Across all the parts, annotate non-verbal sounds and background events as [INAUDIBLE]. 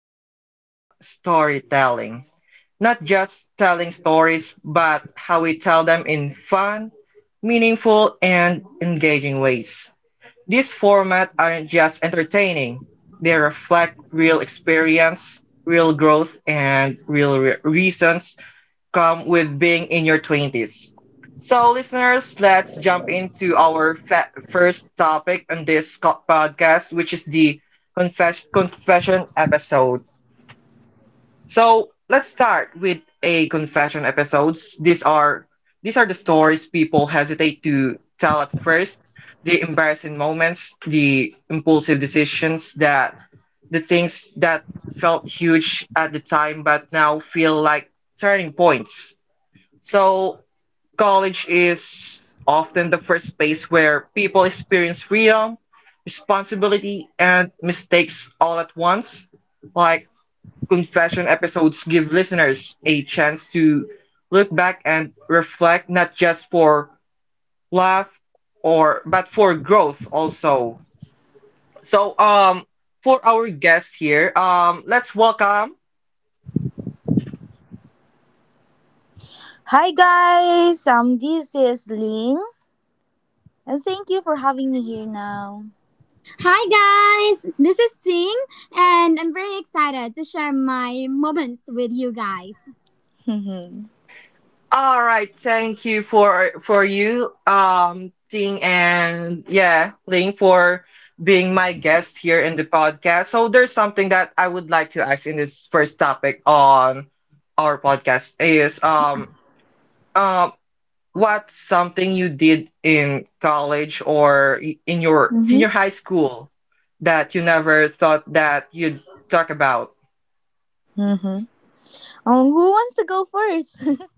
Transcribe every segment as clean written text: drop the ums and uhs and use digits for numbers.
is all about storytelling. Not just telling stories, but how we tell them in fun, meaningful, and engaging ways. These formats aren't just entertaining, they reflect real experience, real growth, and reasons come with being in your 20s. So, listeners, let's jump into our first topic on this podcast, which is the confession episode. So let's start with a confession episodes. These are the stories people hesitate to tell at first. The embarrassing moments, the impulsive decisions that the things that felt huge at the time but now feel like turning points. So college is often the first space where people experience freedom, responsibility and mistakes all at once. Like confession episodes give listeners a chance to look back and reflect not just for laugh or but for growth also. So for our guest here, let's welcome. Hi guys, this is Lynn, and thank you for having me here now. Hi guys, this is Ting, and I'm very excited to share my moments with you guys. Mm-hmm. All right, thank you for you Ting and yeah, Ling for being my guest here in the podcast. So there's something that I would like to ask in this first topic on our podcast is um what's something you did in college or in your senior Mm-hmm. high school that you never thought that you'd talk about? Mm-hmm. Who wants to go first? [LAUGHS]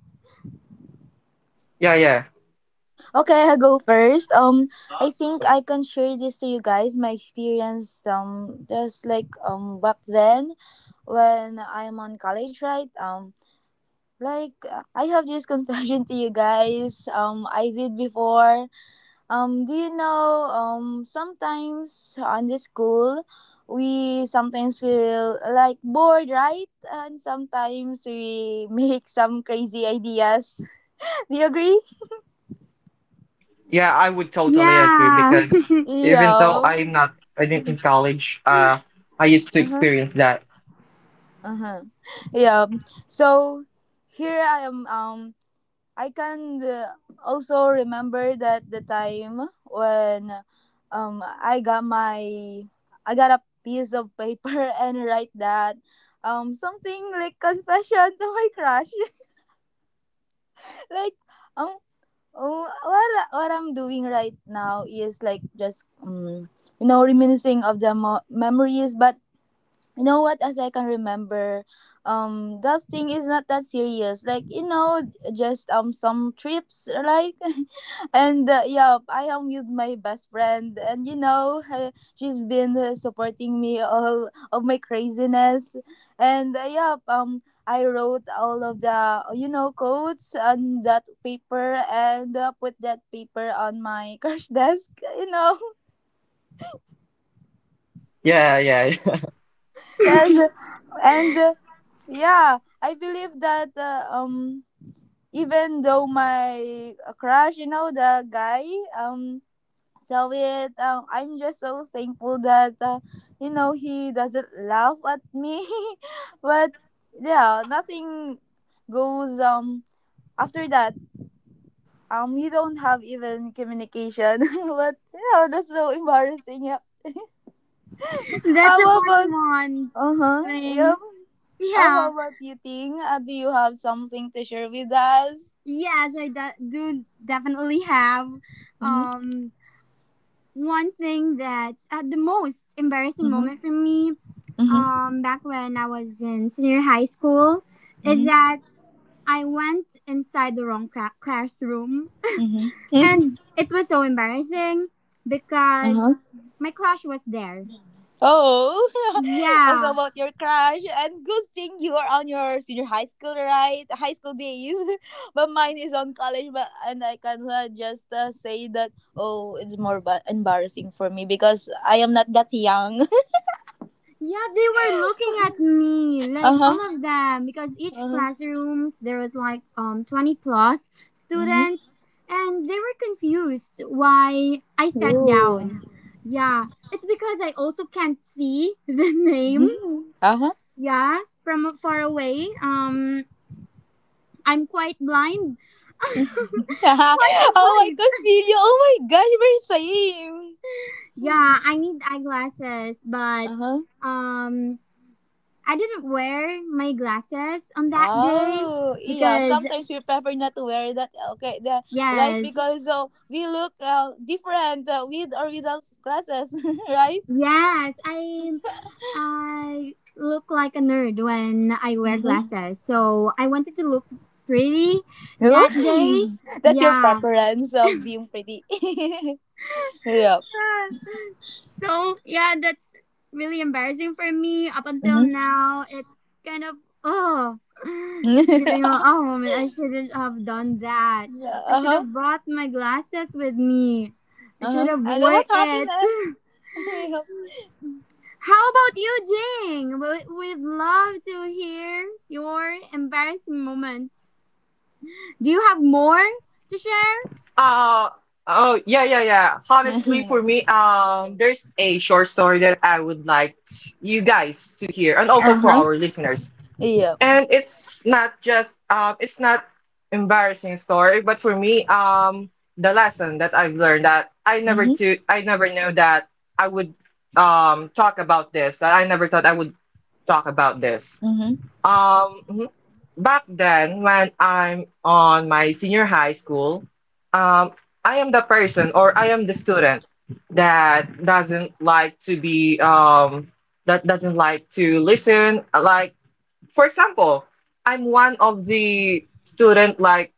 Yeah, yeah. Okay, I'll go first. I think I can share this to you guys, my experience, just like back then when I'm on college, right? Like, I have this confession [LAUGHS] to you guys, I did before. Do you know, sometimes on the school, we sometimes feel like bored, right? And sometimes we [LAUGHS] make some crazy ideas. [LAUGHS] Do you agree? Yeah, I would totally agree Yeah, because even though Yeah. I'm not I didn't in college, I used to Uh huh. experience that. Uh huh. Yeah. So here I am. I can also remember that the time when um I got my I got a piece of paper [LAUGHS] and write that something like confession to my crush [LAUGHS] like um oh, what I'm doing right now is like just you know, reminiscing of the memories. But you know what, as I can remember, that thing is not that serious, like you know, just some trips like [LAUGHS] and yeah, I am with my best friend, and you know [LAUGHS] she's been supporting me all of my craziness, and yeah, I wrote all of the you know quotes on that paper and put that paper on my [LAUGHS] crash desk, you know. Yeah, yeah. [LAUGHS] Yes. And yeah, I believe that even though my crush, you know, the guy, um saw it, I'm just so thankful that you know, he doesn't laugh at me. [LAUGHS] But yeah, nothing goes after that. We don't have even communication. [LAUGHS] But you know, that's so embarrassing. Yep. [LAUGHS] that's How a funny about one. uh huh? Thing. Yep. Oh, Yeah, how about you, Ting? Do you have something to share with us? yes, I do definitely have Mm-hmm. um one thing that's the most embarrassing Mhm. moment for me Mhm. Back when I was in senior high school is Mhm. that I went inside the wrong classroom. Mhm. And [LAUGHS] it was so embarrassing Uh because huh. my crush was there. Oh, [LAUGHS] also Yeah. about your crush. And good thing you are on your senior high school, right? High school days. [LAUGHS] But mine is on college. But and I can just say that oh, it's more embarrassing for me because I am not that young. Yeah, they were looking at me, [LAUGHS] Uh like huh. all of them, because each Uh huh. classrooms there was like 20 plus Mhm. students, and they were confused why I sat Ooh. down. Yeah, it's because I also can't see [LAUGHS] the name. Mhm. Uh huh. Yeah, from far away. I'm quite blind. [LAUGHS] Quite [LAUGHS] Oh, I blind. can feel you. Oh my gosh, we're same. Yeah, I need eyeglasses, but Uh huh. um I didn't wear my glasses on that day Oh, yeah. because Sometimes we prefer not to wear that. Okay, right? yes, Because so we look different with or without glasses, [LAUGHS] right? yes, I look like a nerd when I wear Mm-hmm. glasses. So I wanted to look pretty that [LAUGHS] day. [LAUGHS] That's your Yeah. preference of being pretty. [LAUGHS] Yeah. So yeah, that's really embarrassing for me. Up until Mm-hmm. now, it's kind of oh, [SIGHS] [LAUGHS] it's Yeah. giving a oh moment. I shouldn't have done that. I Uh should huh. have brought my glasses with me. I Uh should huh. have And then wore what happened it. [LAUGHS] next? How [LAUGHS] about you, Jing? We'd love to hear your embarrassing moments. Do you have more to share? Uh oh, yeah, yeah, yeah. Honestly for Yeah. me, there's a short story that I would like you guys to hear and also [LAUGHS] Uh for huh. our listeners. Yeah. And it's not just it's not embarrassing story, but for me, the lesson that I've learned that I never Mm-hmm. to I never knew that I would talk about this, that I never thought I would talk about this. Um mhm. Back then when I'm on my senior high school, um I am the person or I am the student that doesn't like to be that doesn't like to listen, like for example, I'm one of the student like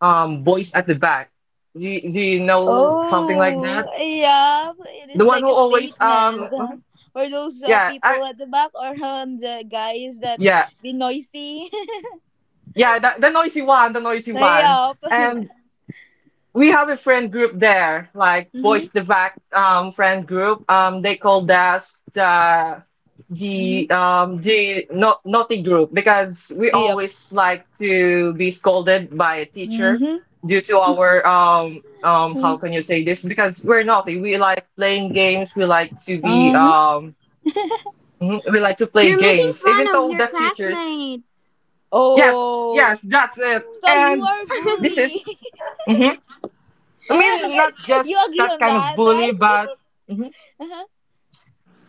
boys at the back. Do you know something like Oh, that? yeah, it The is one like who a always statement. uh-huh, For those yeah I people at the back or the guys that yeah be noisy. yeah, the noisy one, the noisy [LAUGHS] one. Yup. And we have a friend group there, like Boys Mm-hmm. the Vac friend group. They called us Mm-hmm. The no, naughty group because we Yup. always like to be scolded by a teacher Mm-hmm. due to our how can you say this? Because we're naughty. We like playing games. We like to be Uh-huh. Mhm, we like to play You're making games, fun even of though your the teachers. classmates. Yes, Oh, yes, that's it. so you And are this bully. is. [LAUGHS] mhm. I Uh-huh. mean, not just You agree that on kind of that, bully, right? but mhm, [LAUGHS] Uh-huh.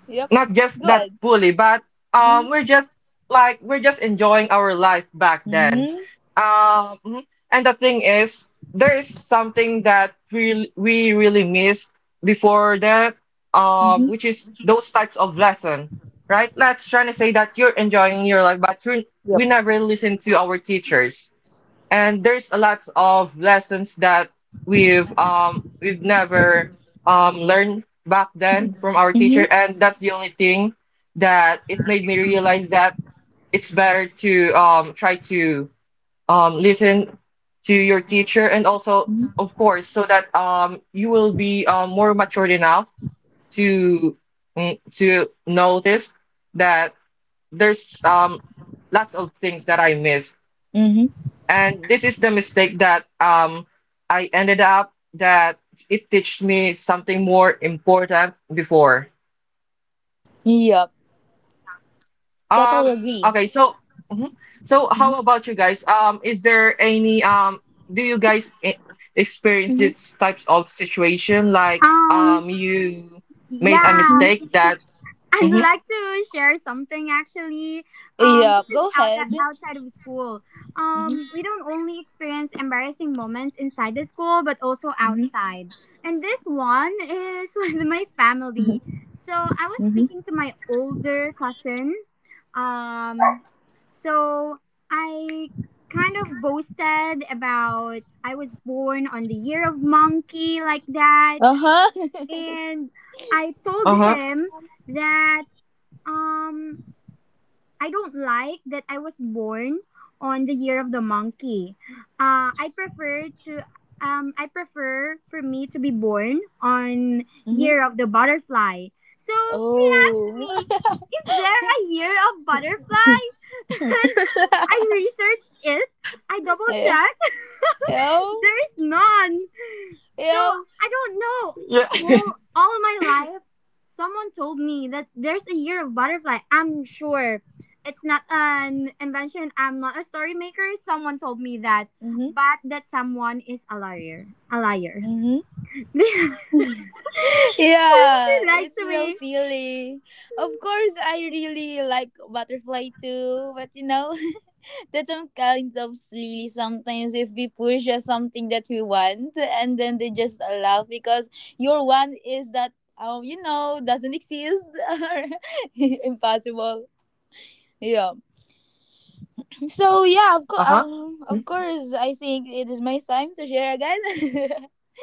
Yep. not just that Good. bully, but we're Mm-hmm. just like we're just enjoying our life back then. Um, mhm. And the thing is, there is something that we really missed before that, Mm-hmm. which Hmm. is those types of lesson, right? Let's try to say that you're enjoying your life, but you Yep. we never listen to our teachers and there's a lot of lessons that we've never learned back then from our teacher, Mm-hmm. and that's the only thing that it made me realize that it's better to try to listen to your teacher, and also Mm-hmm. of course so that you will be more matured enough to to notice that there's lots of things that I missed, Hmm. and this is the mistake that I ended up that it teach me something more important before. Yep. Totally Um agree. okay, so mhm. so Mm-hmm. how about you guys? Is there any do you guys experience Mm-hmm. these types of situation like Um, you made a yeah. mistake that I'd mhm, like to share something actually. Yep. This Go is ahead. outside of school. Mhm. We don't only experience embarrassing moments inside the school, but also Mhm. outside. And this one is [LAUGHS] with my family. So I was Mhm. speaking to my older cousin. Um, so I kind of boasted about I was born on the year of monkey like that, Uh huh. [LAUGHS] and uh, I told uh-huh him that um, I don't like that I was born on the year of the monkey. Uh, I prefer to I prefer for me to be born on Mhm. year of the butterfly. So he asked Oh. me, "Is there a year of butterfly?" [LAUGHS] I researched it. I double Yeah. checked. Yeah. [LAUGHS] There is none. So Yeah. I don't know. yeah Uh huh. Well, all my life, someone told me that there's a year of butterfly. I'm sure it's not an invention. I'm not a story maker. Someone told me that, Mhm. but that someone is a liar. A liar. Mhm. [LAUGHS] They [LAUGHS] Yeah. lied It's to so me. silly. Of course, I really like butterfly too, but you know, [LAUGHS] that some kinds of silly sometimes, if we push just something that we want and then they just laugh because your one is that you know, doesn't exist [LAUGHS] or impossible. Yeah. So yeah, [LAUGHS] uh-huh mm, of course, I think it is my time to share again.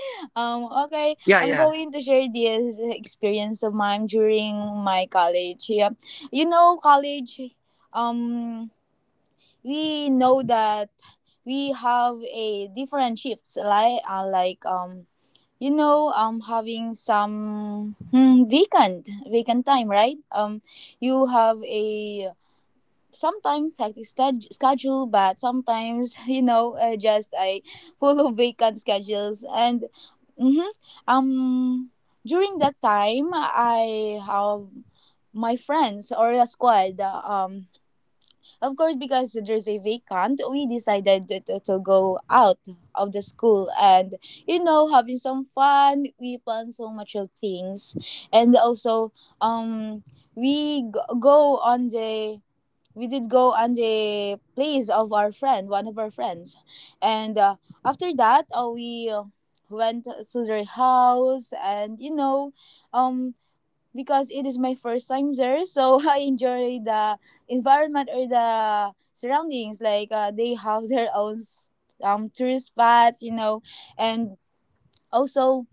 [LAUGHS] okay, yeah I'm yeah going to share this experience of mine during my college. Yeah, you know, college. Um, we know that we have a different shifts, like you know, having some vacant time, right? You have a sometimes hectic schedule, but sometimes [LAUGHS] you know, just I follow vacant schedules, and mhm, um during that time I have my friends or a squad, of course, because there's a vacant, we decided to go out of the school and you know, having some fun, we plan so much of things, and also um we g- go on the we did go on the place of our friend, one of our friends, and after that, we went to their house, and you know, um, because it is my first time there, so [LAUGHS] I enjoy the environment or the surroundings. Like they have their own tourist spots, you know, and also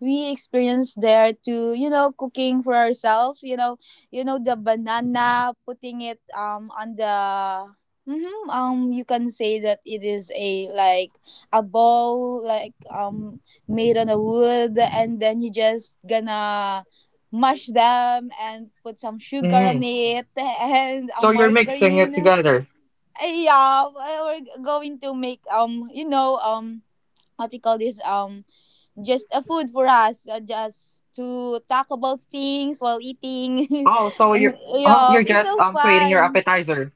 we experienced there to, you know, cooking for ourselves, you know, you know the banana, putting it on the you can say that it is a like a ball, like made on a wood, and then you just gonna mash them and put some sugar mhm. on it [LAUGHS] and a so you're mixing it margarine. together? Yeah, we're going to make you know, what we call this, just a food for us, just to talk about things while eating. [LAUGHS] oh so you're Yeah, you're it's just so creating your fun. [LAUGHS] appetizer.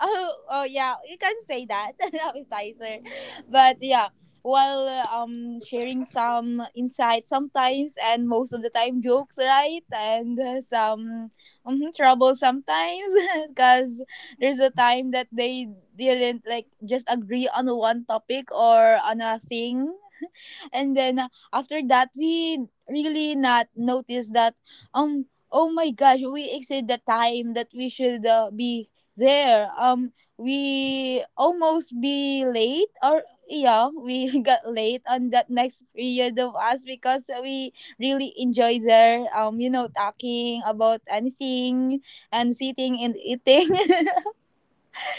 Oh, oh yeah, you can say that [LAUGHS] appetizer, but yeah, while sharing some insights sometimes and most of the time jokes, right? And some mhm, trouble sometimes [LAUGHS] because there's a time that they didn't like just agree on one topic or on a thing, and then after that we really not noticed that um oh my gosh, we exceed the time that we should be there. We almost be late, or yeah, we [LAUGHS] got late on that next period of us because we really enjoy there, you know, talking about anything and sitting and eating. [LAUGHS]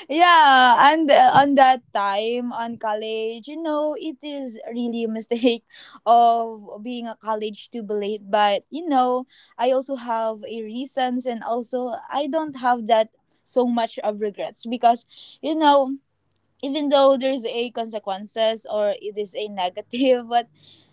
Yeah, and on that time on college, you know, it is really a mistake [LAUGHS] of being a college to be late, but you know, I also have a reasons, and also I don't have that so much of regrets because you know, even though there's a consequences, or it is a negative, [LAUGHS] but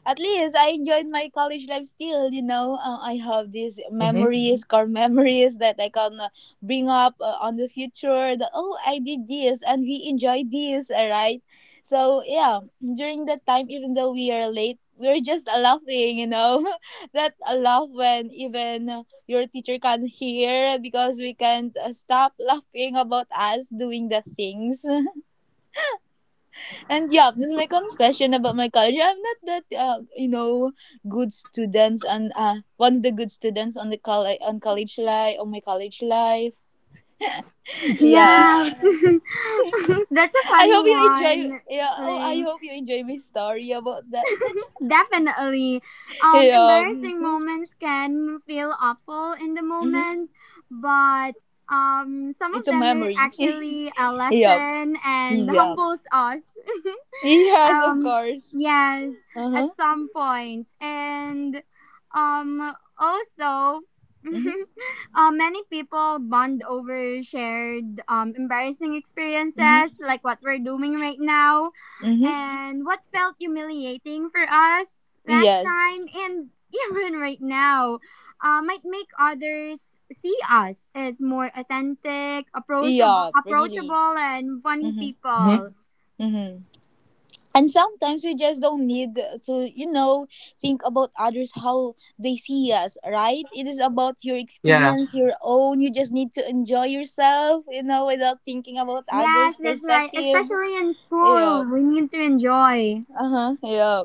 at least I enjoyed my college life still, you know. I have these Mm-hmm. memories, core memories, that I can bring up on the future, that oh, I did this and we enjoyed this. All right, so yeah, during that time, even though we are late, we're just laughing, you know, [LAUGHS] that a laugh when even your teacher can hear because we can't stop laughing about us doing the things. And yeah, this is my confession about my college. I'm not that you know, good students, and one of the good students on the college, on college life, on my college life. Yeah, Yeah. [LAUGHS] [LAUGHS] that's a I funny hope you enjoy. one. Yeah, oh, I Ling. hope you enjoy my story about that. Definitely. [LAUGHS] Yeah, Embarrassing mm-hmm, moments can feel awful in the mm-hmm. moment, but some It's of a them are memory. actually a [LAUGHS] Yeah, lesson and yeah, humbles us. [LAUGHS] yes, of um, course. yes, Uh at huh. some point. And also, [LAUGHS] Mm-hmm, many people bond over shared embarrassing mm-hmm, experiences, like what we're doing right now, mm-hmm. and what felt humiliating for us last Yes. time, and [LAUGHS] even right now, might make others see us as more authentic, Yeah, really. approachable, and funny Mm-hmm, Mm-hmm. people. mm-hmm. And sometimes we just don't need to, you know, think about others how they see us, right? It is about your Yeah. experience, your own. You just need to enjoy yourself, you know, without thinking about Yes, others that's right. perspective. Especially in Yeah. school, we need to enjoy. Uh-huh. Yeah.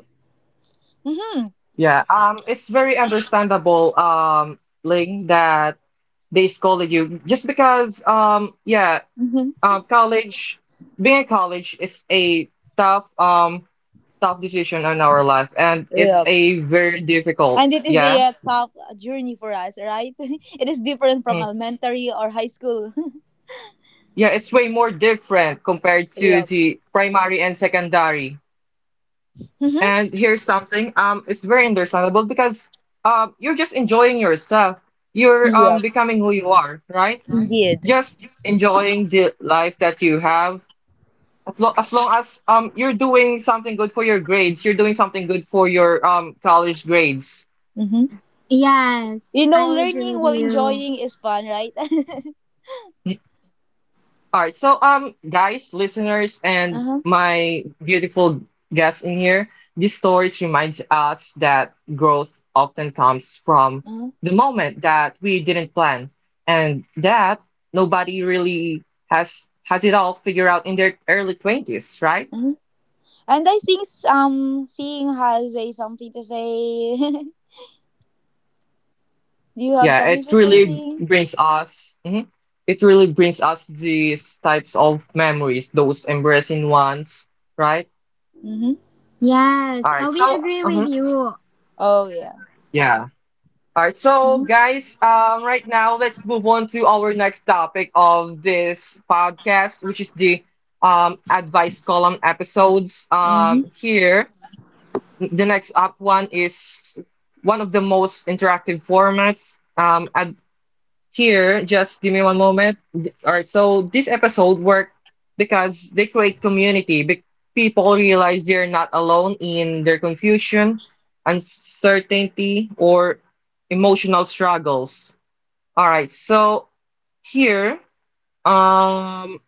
Mm-hmm. Yeah. It's very understandable, Ling, that they scolded you just because, yeah, Mm-hmm. College, being in college is a tough, tough decision in our life, and Yeah, it's a very difficult. and it is Yeah. a tough journey for us, right? [LAUGHS] It is different from Mm. elementary or high school. [LAUGHS] Yeah, it's way more different compared to Yeah. the primary and secondary. Mm-hmm. And here's something, it's very understandable because, you're just enjoying yourself. You're, Yeah, becoming who you are, right? indeed. Just enjoying the life that you have. As long as you're doing something good for your grades, you're doing something good for your college grades. Mm-hmm. Yes, You know, I agree learning with while you. enjoying is fun, right? [LAUGHS] All right, so guys, listeners, and Uh-huh. my beautiful guests in here, this story reminds us that growth often comes from the moment that we didn't plan, and that nobody really has it all figured out in their early 20s, right? Mhm. And I think Thing has a something to say. [LAUGHS] Do you have Yeah, something it to say, really Thing? brings us, it really brings us these types of memories, those embarrassing ones, right? Mm-hmm. All Yes, right, we so, agree with you. Oh yeah. yeah. All right, so Mm-hmm. guys, right now let's move on to our next topic of this podcast, which is the advice column episodes. Mm-hmm. Here, the next up one is one of the most interactive formats. Ad Here, just give me one moment. All right, so this episode worked because they create community. People realize they're not alone in their confusion, uncertainty, or emotional struggles. All right, so here, um,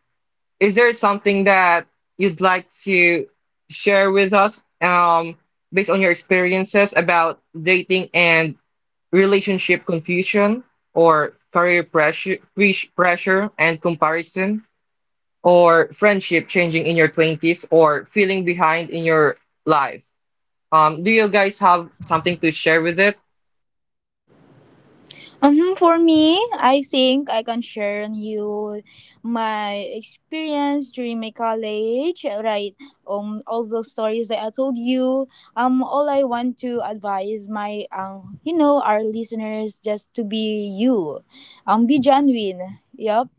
is there something that you'd like to share with us, based on your experiences about dating and relationship confusion or career pressure, pressure and comparison, or friendship changing in your 20s, or feeling behind in your life. Do you guys have something to share with it? Mm-hmm. For me, I think I can share on you my experience during my college. Right. All those stories that I told you. All I want to advise my you know, our listeners, just to be you. Be genuine. Yep,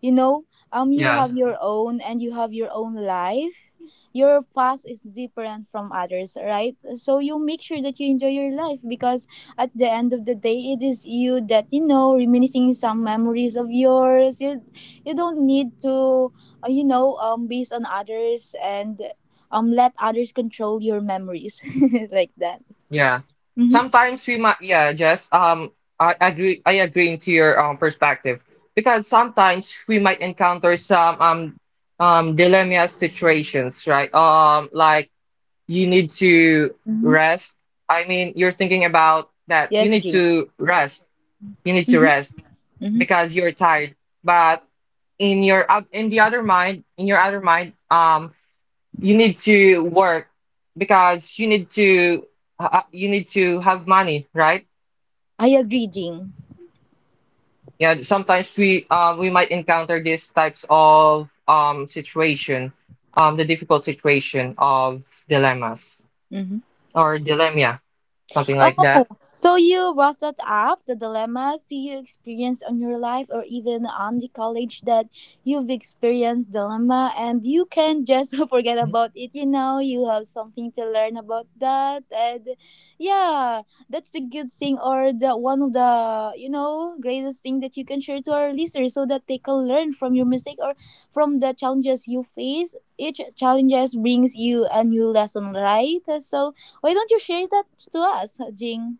you know, you Yeah, have your own, and you have your own life, your path is different from others, right? So you make sure that you enjoy your life, because at the end of the day, it is you that, you know, reminiscing some memories of yours. You don't need to you know, based on others, and let others control your memories. [LAUGHS] Like that. yeah. Mm-hmm. Sometimes we might, yeah, Jess, I agree into your perspective, because sometimes we might encounter some dilemma situations, right? Like you need to Mm-hmm. rest. I mean, you're thinking about that Yes, you need Jing. to rest. You need to Mm-hmm. rest Mm-hmm. because you're tired. But in your in the other mind, in your other mind, you need to work because you need to have money, right? I agree, Jing. Yeah, sometimes we might encounter these types of situation, the difficult situation of dilemmas Mm-hmm. or dilemma, something like that. Oh, so you brought that up, the dilemmas. Do you experience on your life, or even on the college, that you've experienced dilemma, and you can just [LAUGHS] forget Mhm. about it? You know, you have something to learn about that. And yeah, that's the good thing, or the one of the, you know, greatest thing that you can share to our listeners, so that they can learn from your mistake or from the challenges you face. Each challenges brings you a new lesson, right? So why don't you share that to us, Jing?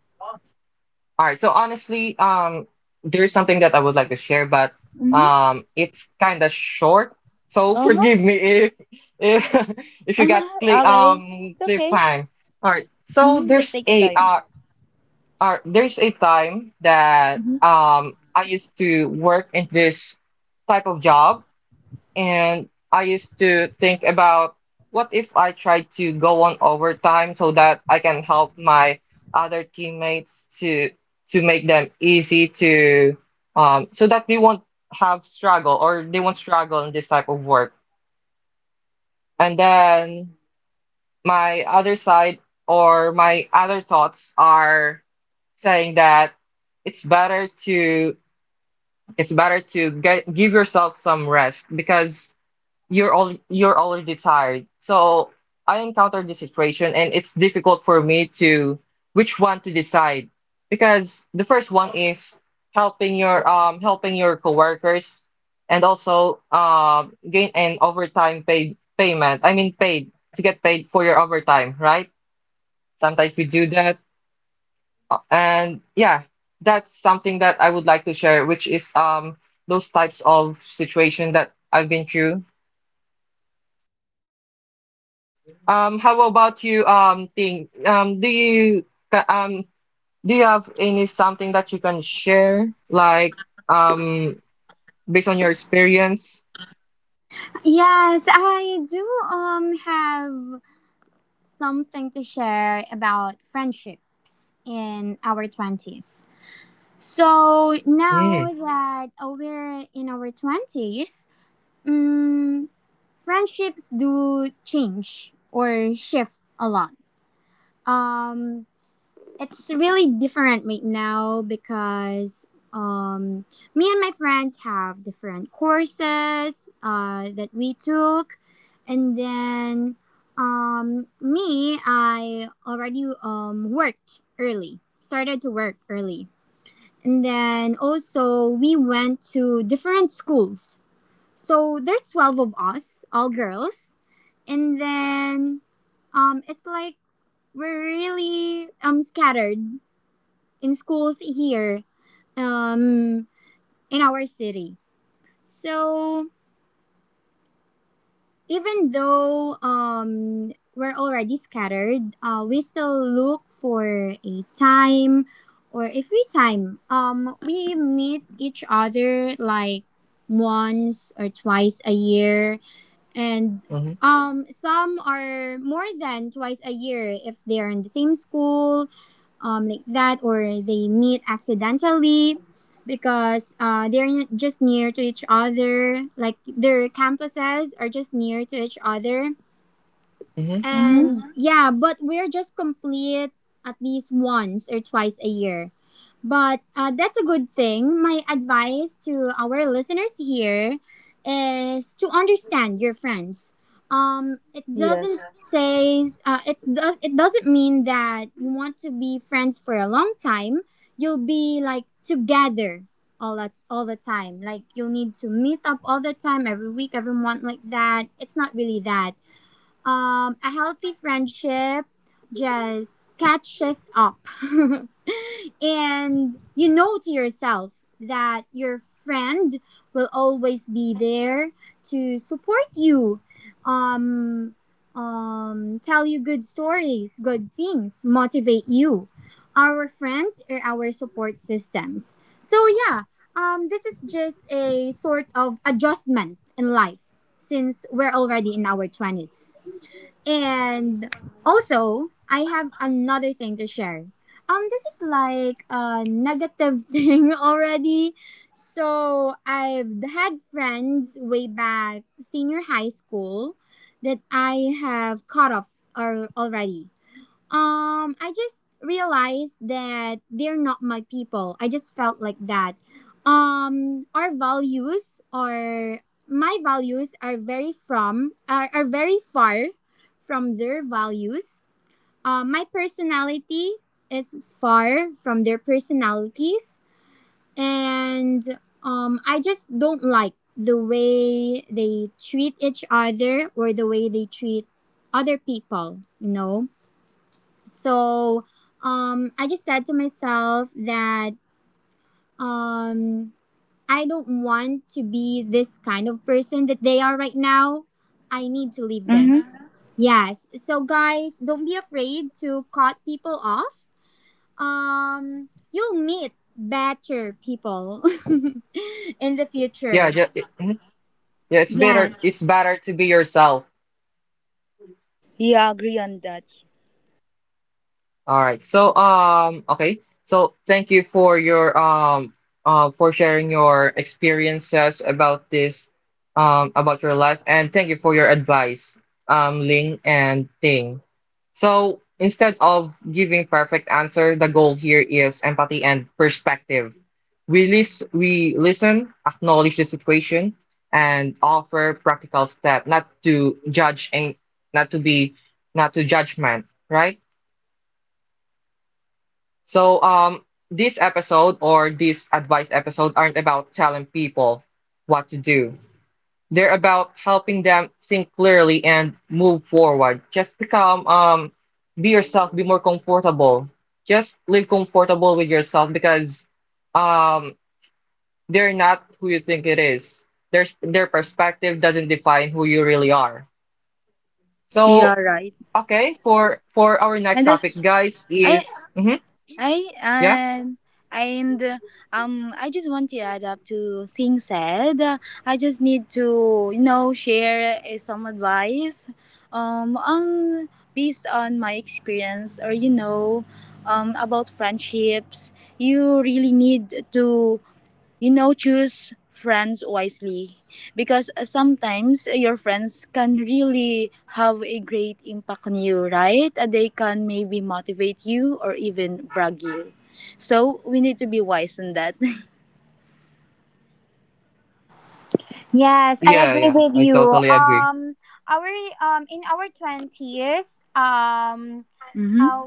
All right. So honestly, there's something that I would like to share, but Mm-hmm. It's kind of short. So [LAUGHS] Uh-huh. forgive me if [LAUGHS] if you got Uh-huh. Okay. It's okay. cliffhang. All right. So Mm-hmm. Just take your time. There's a time that Mm-hmm. I used to work in this type of job, and I used to think about what if I try to go on overtime so that I can help my other teammates to make them easy to so that they won't have struggle, or they won't struggle in this type of work. And then my other side or my other thoughts are saying that it's better to it's better to get give yourself some rest because you're already tired. So I encountered this situation and it's difficult for me to which one to decide, because the first one is helping your coworkers, and also gain an overtime paid payment. I mean paid to get paid for your overtime, right? Sometimes we do that, and yeah, that's something that I would like to share, which is those types of situation that I've been through. How about you, Ting? Do you ca- um do you have any something that you can share, like um, based on your experience? Yes, I do have something to share about friendships in our 20s. So now Mm, that we're in our 20s, um, friendships do change or shift a lot. Um it's really different right now because um, me and my friends have different courses that we took. And then me, I already worked early, started to work early. And then also, we went to different schools. So there's 12 of us, all girls. And then it's like we're really scattered in schools here um, in our city. So even though we're already scattered, we still look for a time or a free time. We meet each other like once or twice a year, and mm-hmm, some are more than twice a year if they are in the same school like that, or they meet accidentally because they're just near to each other, like their campuses are just near to each other. mm-hmm. Mm-hmm. And yeah, but we're just complete at least once or twice a year. But that's a good thing. My advice to our listeners here is to understand your friends. It Yes. doesn't say, it's, does it, doesn't mean that you want to be friends for a long time. You'll be like together all the time. Like you'll need to meet up all the time, every week, every month, like that. It's not really that a healthy friendship just catches up. [LAUGHS] And you know to yourself that your friend will always be there to support you. Um, Tell you good stories, good things, motivate you. Our friends are our support systems. So yeah, this is just a sort of adjustment in life since we're already in our 20s. And also, I have another thing to share. This is like a negative [LAUGHS] thing already. So I've had friends way back senior high school that I have cut off or already. I just realized that they're not my people. I just felt like that. Our values, or my values are very far from their values. My personality is far from their personalities, and I just don't like the way they treat each other or the way they treat other people. So I just said to myself that um, I don't want to be this kind of person that they are right now. I need to leave this. Mm-hmm. Uh-huh. Yes. So guys, don't be afraid to cut people off. You'll meet better people [LAUGHS] in the future. Mm-hmm. Yeah, it's better. Yes. It's better to be yourself. Yeah, agree on that. All right. So okay. So thank you for your for sharing your experiences about this about your life, and thank you for your advice, Ling and Ting. So instead of giving perfect answer, the goal here is empathy and perspective. We listen, acknowledge the situation, and offer practical step, not to judge, and not to be not to judgment, right? So, this episode or this advice episode aren't about telling people what to do. They're about helping them think clearly and move forward. Just become, be yourself, be more comfortable. Just live comfortable with yourself, because, um, they're not who you think it is. Their perspective doesn't define who you really are. You So, are right. okay, for our next And topic, that's guys, I is I yeah, and I just want to add up to things said. I just need to, you know, share some advice on based on my experience, or you know, about friendships. You really need to, you know, choose friends wisely, because sometimes your friends can really have a great impact on you, right? They can maybe motivate you or even brag you. So we need to be wise in that. Yes, I yeah, agree yeah. with I you. totally agree. Our In our 20s, [LAUGHS] Hmm. uh,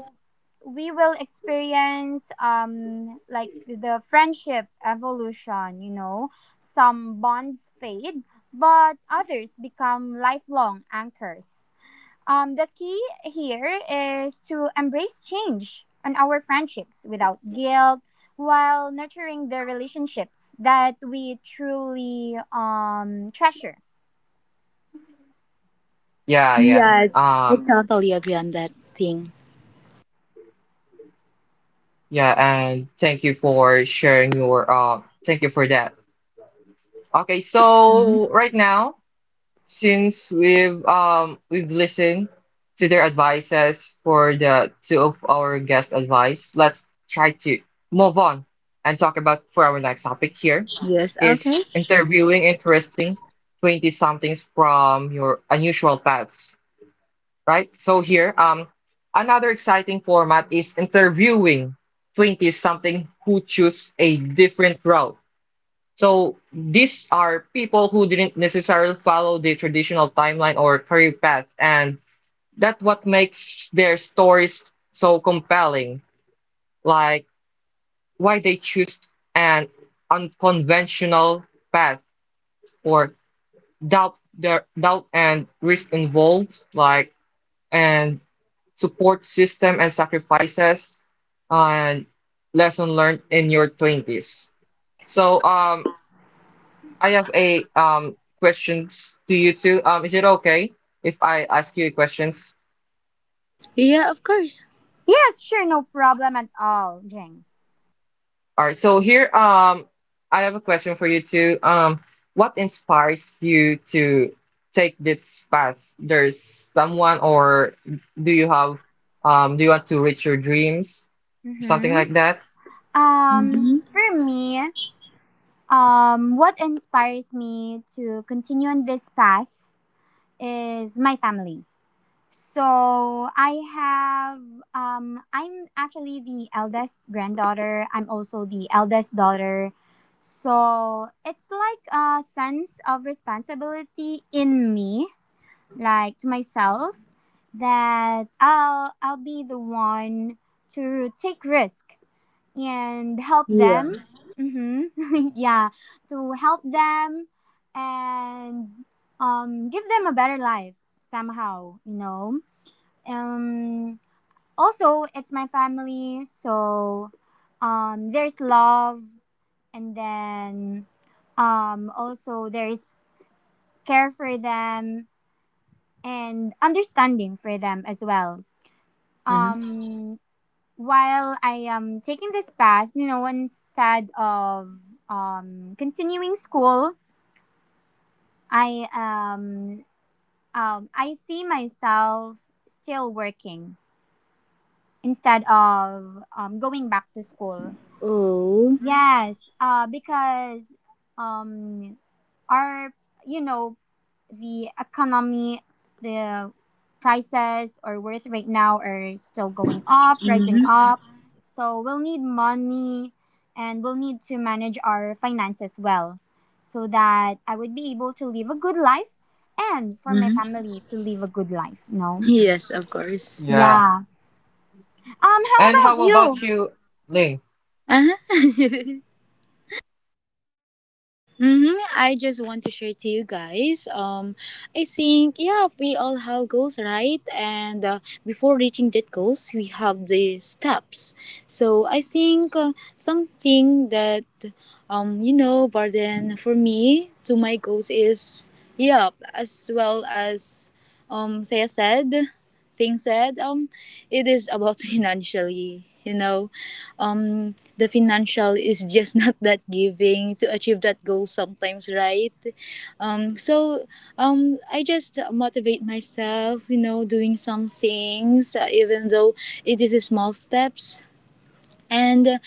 we will experience like the friendship evolution. Some bonds fade, but others become lifelong anchors. The key here is to embrace change in our friendships without guilt, while nurturing the relationships that we truly treasure. Yeah, yeah. Yeah, I totally agree on that thing. Yeah, and thank you for sharing your thank you for that. Okay, so right now, since we've listened to their advices for the two of our guest advice, let's try to move on and talk about for our next topic here Yes, okay. is interviewing interesting 20 somethings from your unusual paths. Right? So here, another exciting format is interviewing 20-something who choose a different route. So these are people who didn't necessarily follow the traditional timeline or career path, and that's what makes their stories so compelling. Like why they choose an unconventional path or doubt their doubt and risk involved, like and support system and sacrifices and lesson learned in your 20s. So I have a questions to you too. Is it okay if I ask you questions? Yeah, of course. Yes, sure, no problem at all, Jing. All right. So here I have a question for you too. What inspires you to take this path? There's someone, or do you have do you want to reach your dreams? Something Mm-hmm. like that? Mm-hmm. For me, what inspires me to continue on this path is my family. So I'm actually the eldest granddaughter. I'm also the eldest daughter. So it's like a sense of responsibility in me, like to myself, that I'll be the one to take risk and help them. Hmm. [LAUGHS] Yeah, to help them and give them a better life somehow. Um, Also, it's my family, so there's love, and then also there's care for them and understanding for them as well. Mm-hmm. Um, while I am taking this path, instead of continuing school, I um, I see myself still working instead of going back to school. Oh. Yes, because um, our you know the economy, the prices or worth right now are still going up, rising Mm-hmm. up. So we'll need money, and we'll need to manage our finances well so that I would be able to live a good life, and for my Mm-hmm. family to live a good life, no? Yes, of course. Yeah. Yeah. And How about how you? about you, Ling? Uh-huh. [LAUGHS] Mm-hmm. I just want to share to you guys. I think yeah, we all have goals, right? And before reaching that goals, we have the steps. So I think something that you know, burden for me to my goals is yeah, as well as Saya said, Singh said, it is about [LAUGHS] financially. You know, the financial is just [LAUGHS] not that giving to achieve that goal sometimes, right? um so I just motivate myself, you know, doing some things, even though it is a small steps, and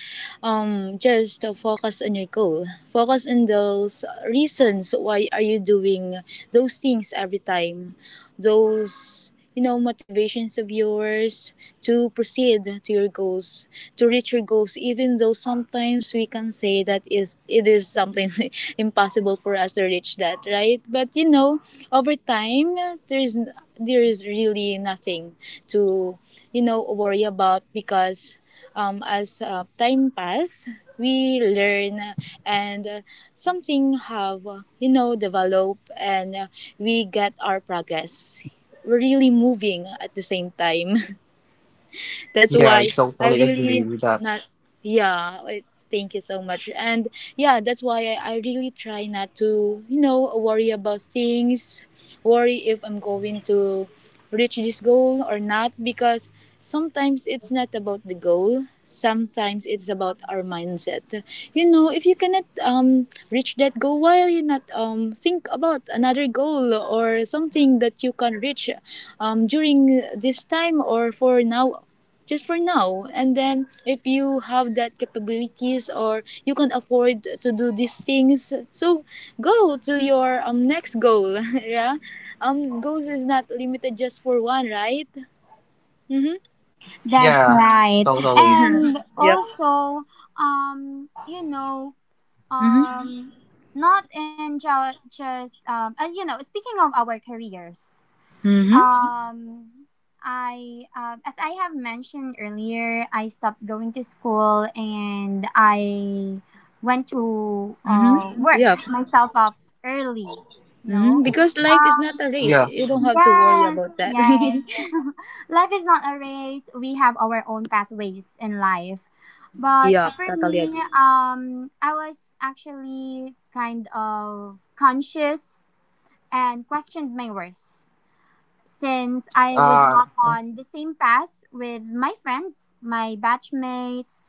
just focus on your goal, focus on those reasons why are you doing those things every time, those, you know, motivations of yours to proceed to your goals, to reach your goals, even though sometimes we can say that is it is sometimes [LAUGHS] impossible for us to reach that, right? But you know, over time, there's there is really nothing to, you know, worry about, because as time pass, we learn, and something have, you know, develop, and we get our progress. We're really moving at the same time. [LAUGHS] That's Yeah, I why I totally agree really with that. not yeah, thank you so much. And yeah, that's why I really try not to, you know, worry about things, worry if I'm going to reach this goal or not, because sometimes it's not about the goal, sometimes it's about our mindset. You know, if you cannot reach that goal, why you not think about another goal or something that you can reach during this time, or for now, just for now, and then if you have that capabilities or you can afford to do these things, so go to your next goal. [LAUGHS] Yeah, goals is not limited just for one, right? Mm-hmm. That's Yeah, right. totally. And also, um you know Mm-hmm. Um, not just, and speaking of our careers, Mm-hmm. um, I, as I have mentioned earlier, I stopped going to school, and I went to Mm-hmm. Work Yeah. myself off early. Mm-hmm. No, Because life is not um, a race, Yeah. you don't have to worry yes, about that. yes. [LAUGHS] Life is not a race. We have our own pathways in life. [LAUGHS] But Yeah, for totally me, agree. I was actually kind of conscious and questioned my worth since I was Uh, not on the same path with my friends, my batchmates.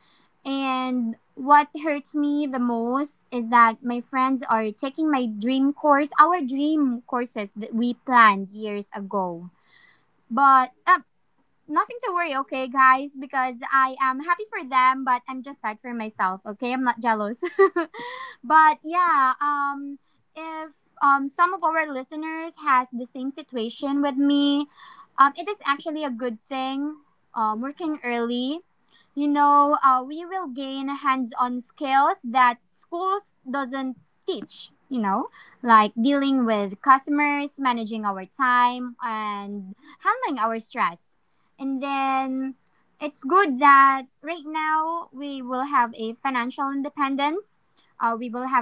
And what hurts me the most is that my friends are taking my dream course, our dream courses that we planned years ago, but nothing to worry, okay, guys, because I am happy for them, but I'm just sad for myself, okay? I'm not jealous. [LAUGHS] But yeah, if some of our listeners has the same situation with me, it is actually a good thing uh,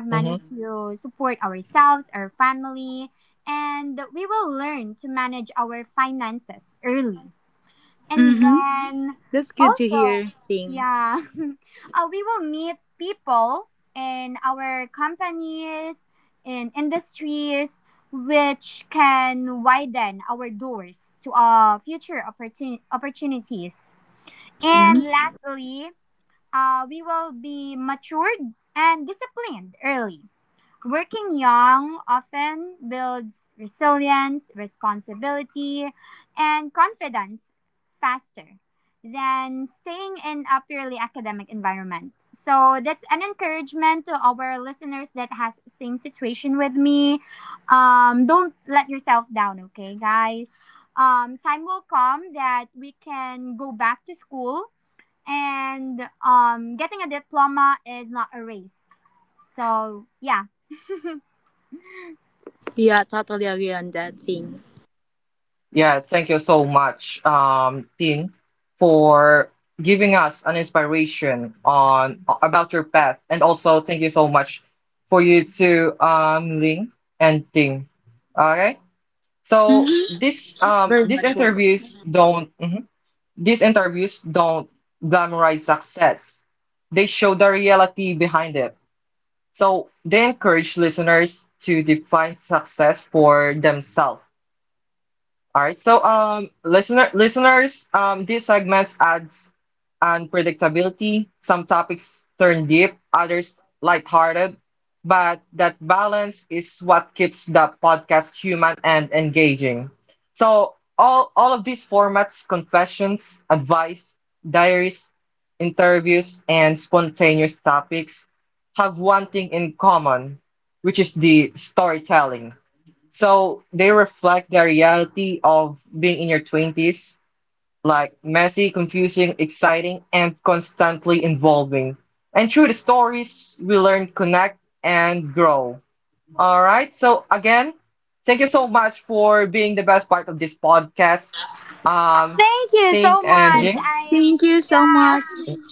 mhm. Mm-hmm. That's good to hear, Thing. Mm-hmm. Yeah, totally agree on that, Thing. Yeah, thank you so much, Tin, for giving us an inspiration on about your path, and also thank you so much for you to Ling and Ting. Okay. So Mm-hmm. this Very these much welcome. interviews don't mhm. these interviews don't glamorize success. They show the reality behind it. So they encourage listeners to define success for themselves. All right. So listeners, these segments adds and predictability. Some topics turn deep, others lighthearted, but that balance is what keeps the podcast human and engaging. So all of these formats, confessions, advice, diaries, interviews, and spontaneous topics have one thing in common, which is the storytelling. So they reflect the reality of being in your 20s, like messy, confusing, exciting, and constantly involving. And through the stories, we learn, connect, and grow. All right. So again, thank you so much for being the best part of this podcast. Um, Ting and Jing. Thank you so much.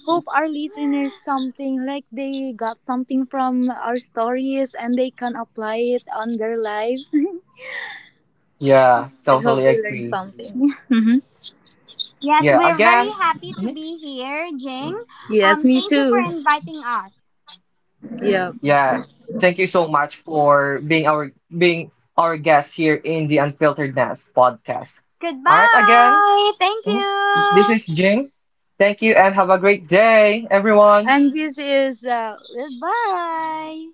Hope our listeners something, like, they got something from our stories and they can apply it on their lives. Yeah, [LAUGHS] I hope totally they learn agree. something. [LAUGHS] Mhm. Yeah. Again. mhm, Yes, me too. Yeah. Yeah. Thank you so much for being our guest here in the Unfiltered Nest podcast. All right. Again. Mhm. This is Jing. Thank you, and have a great day, everyone. And this is bye.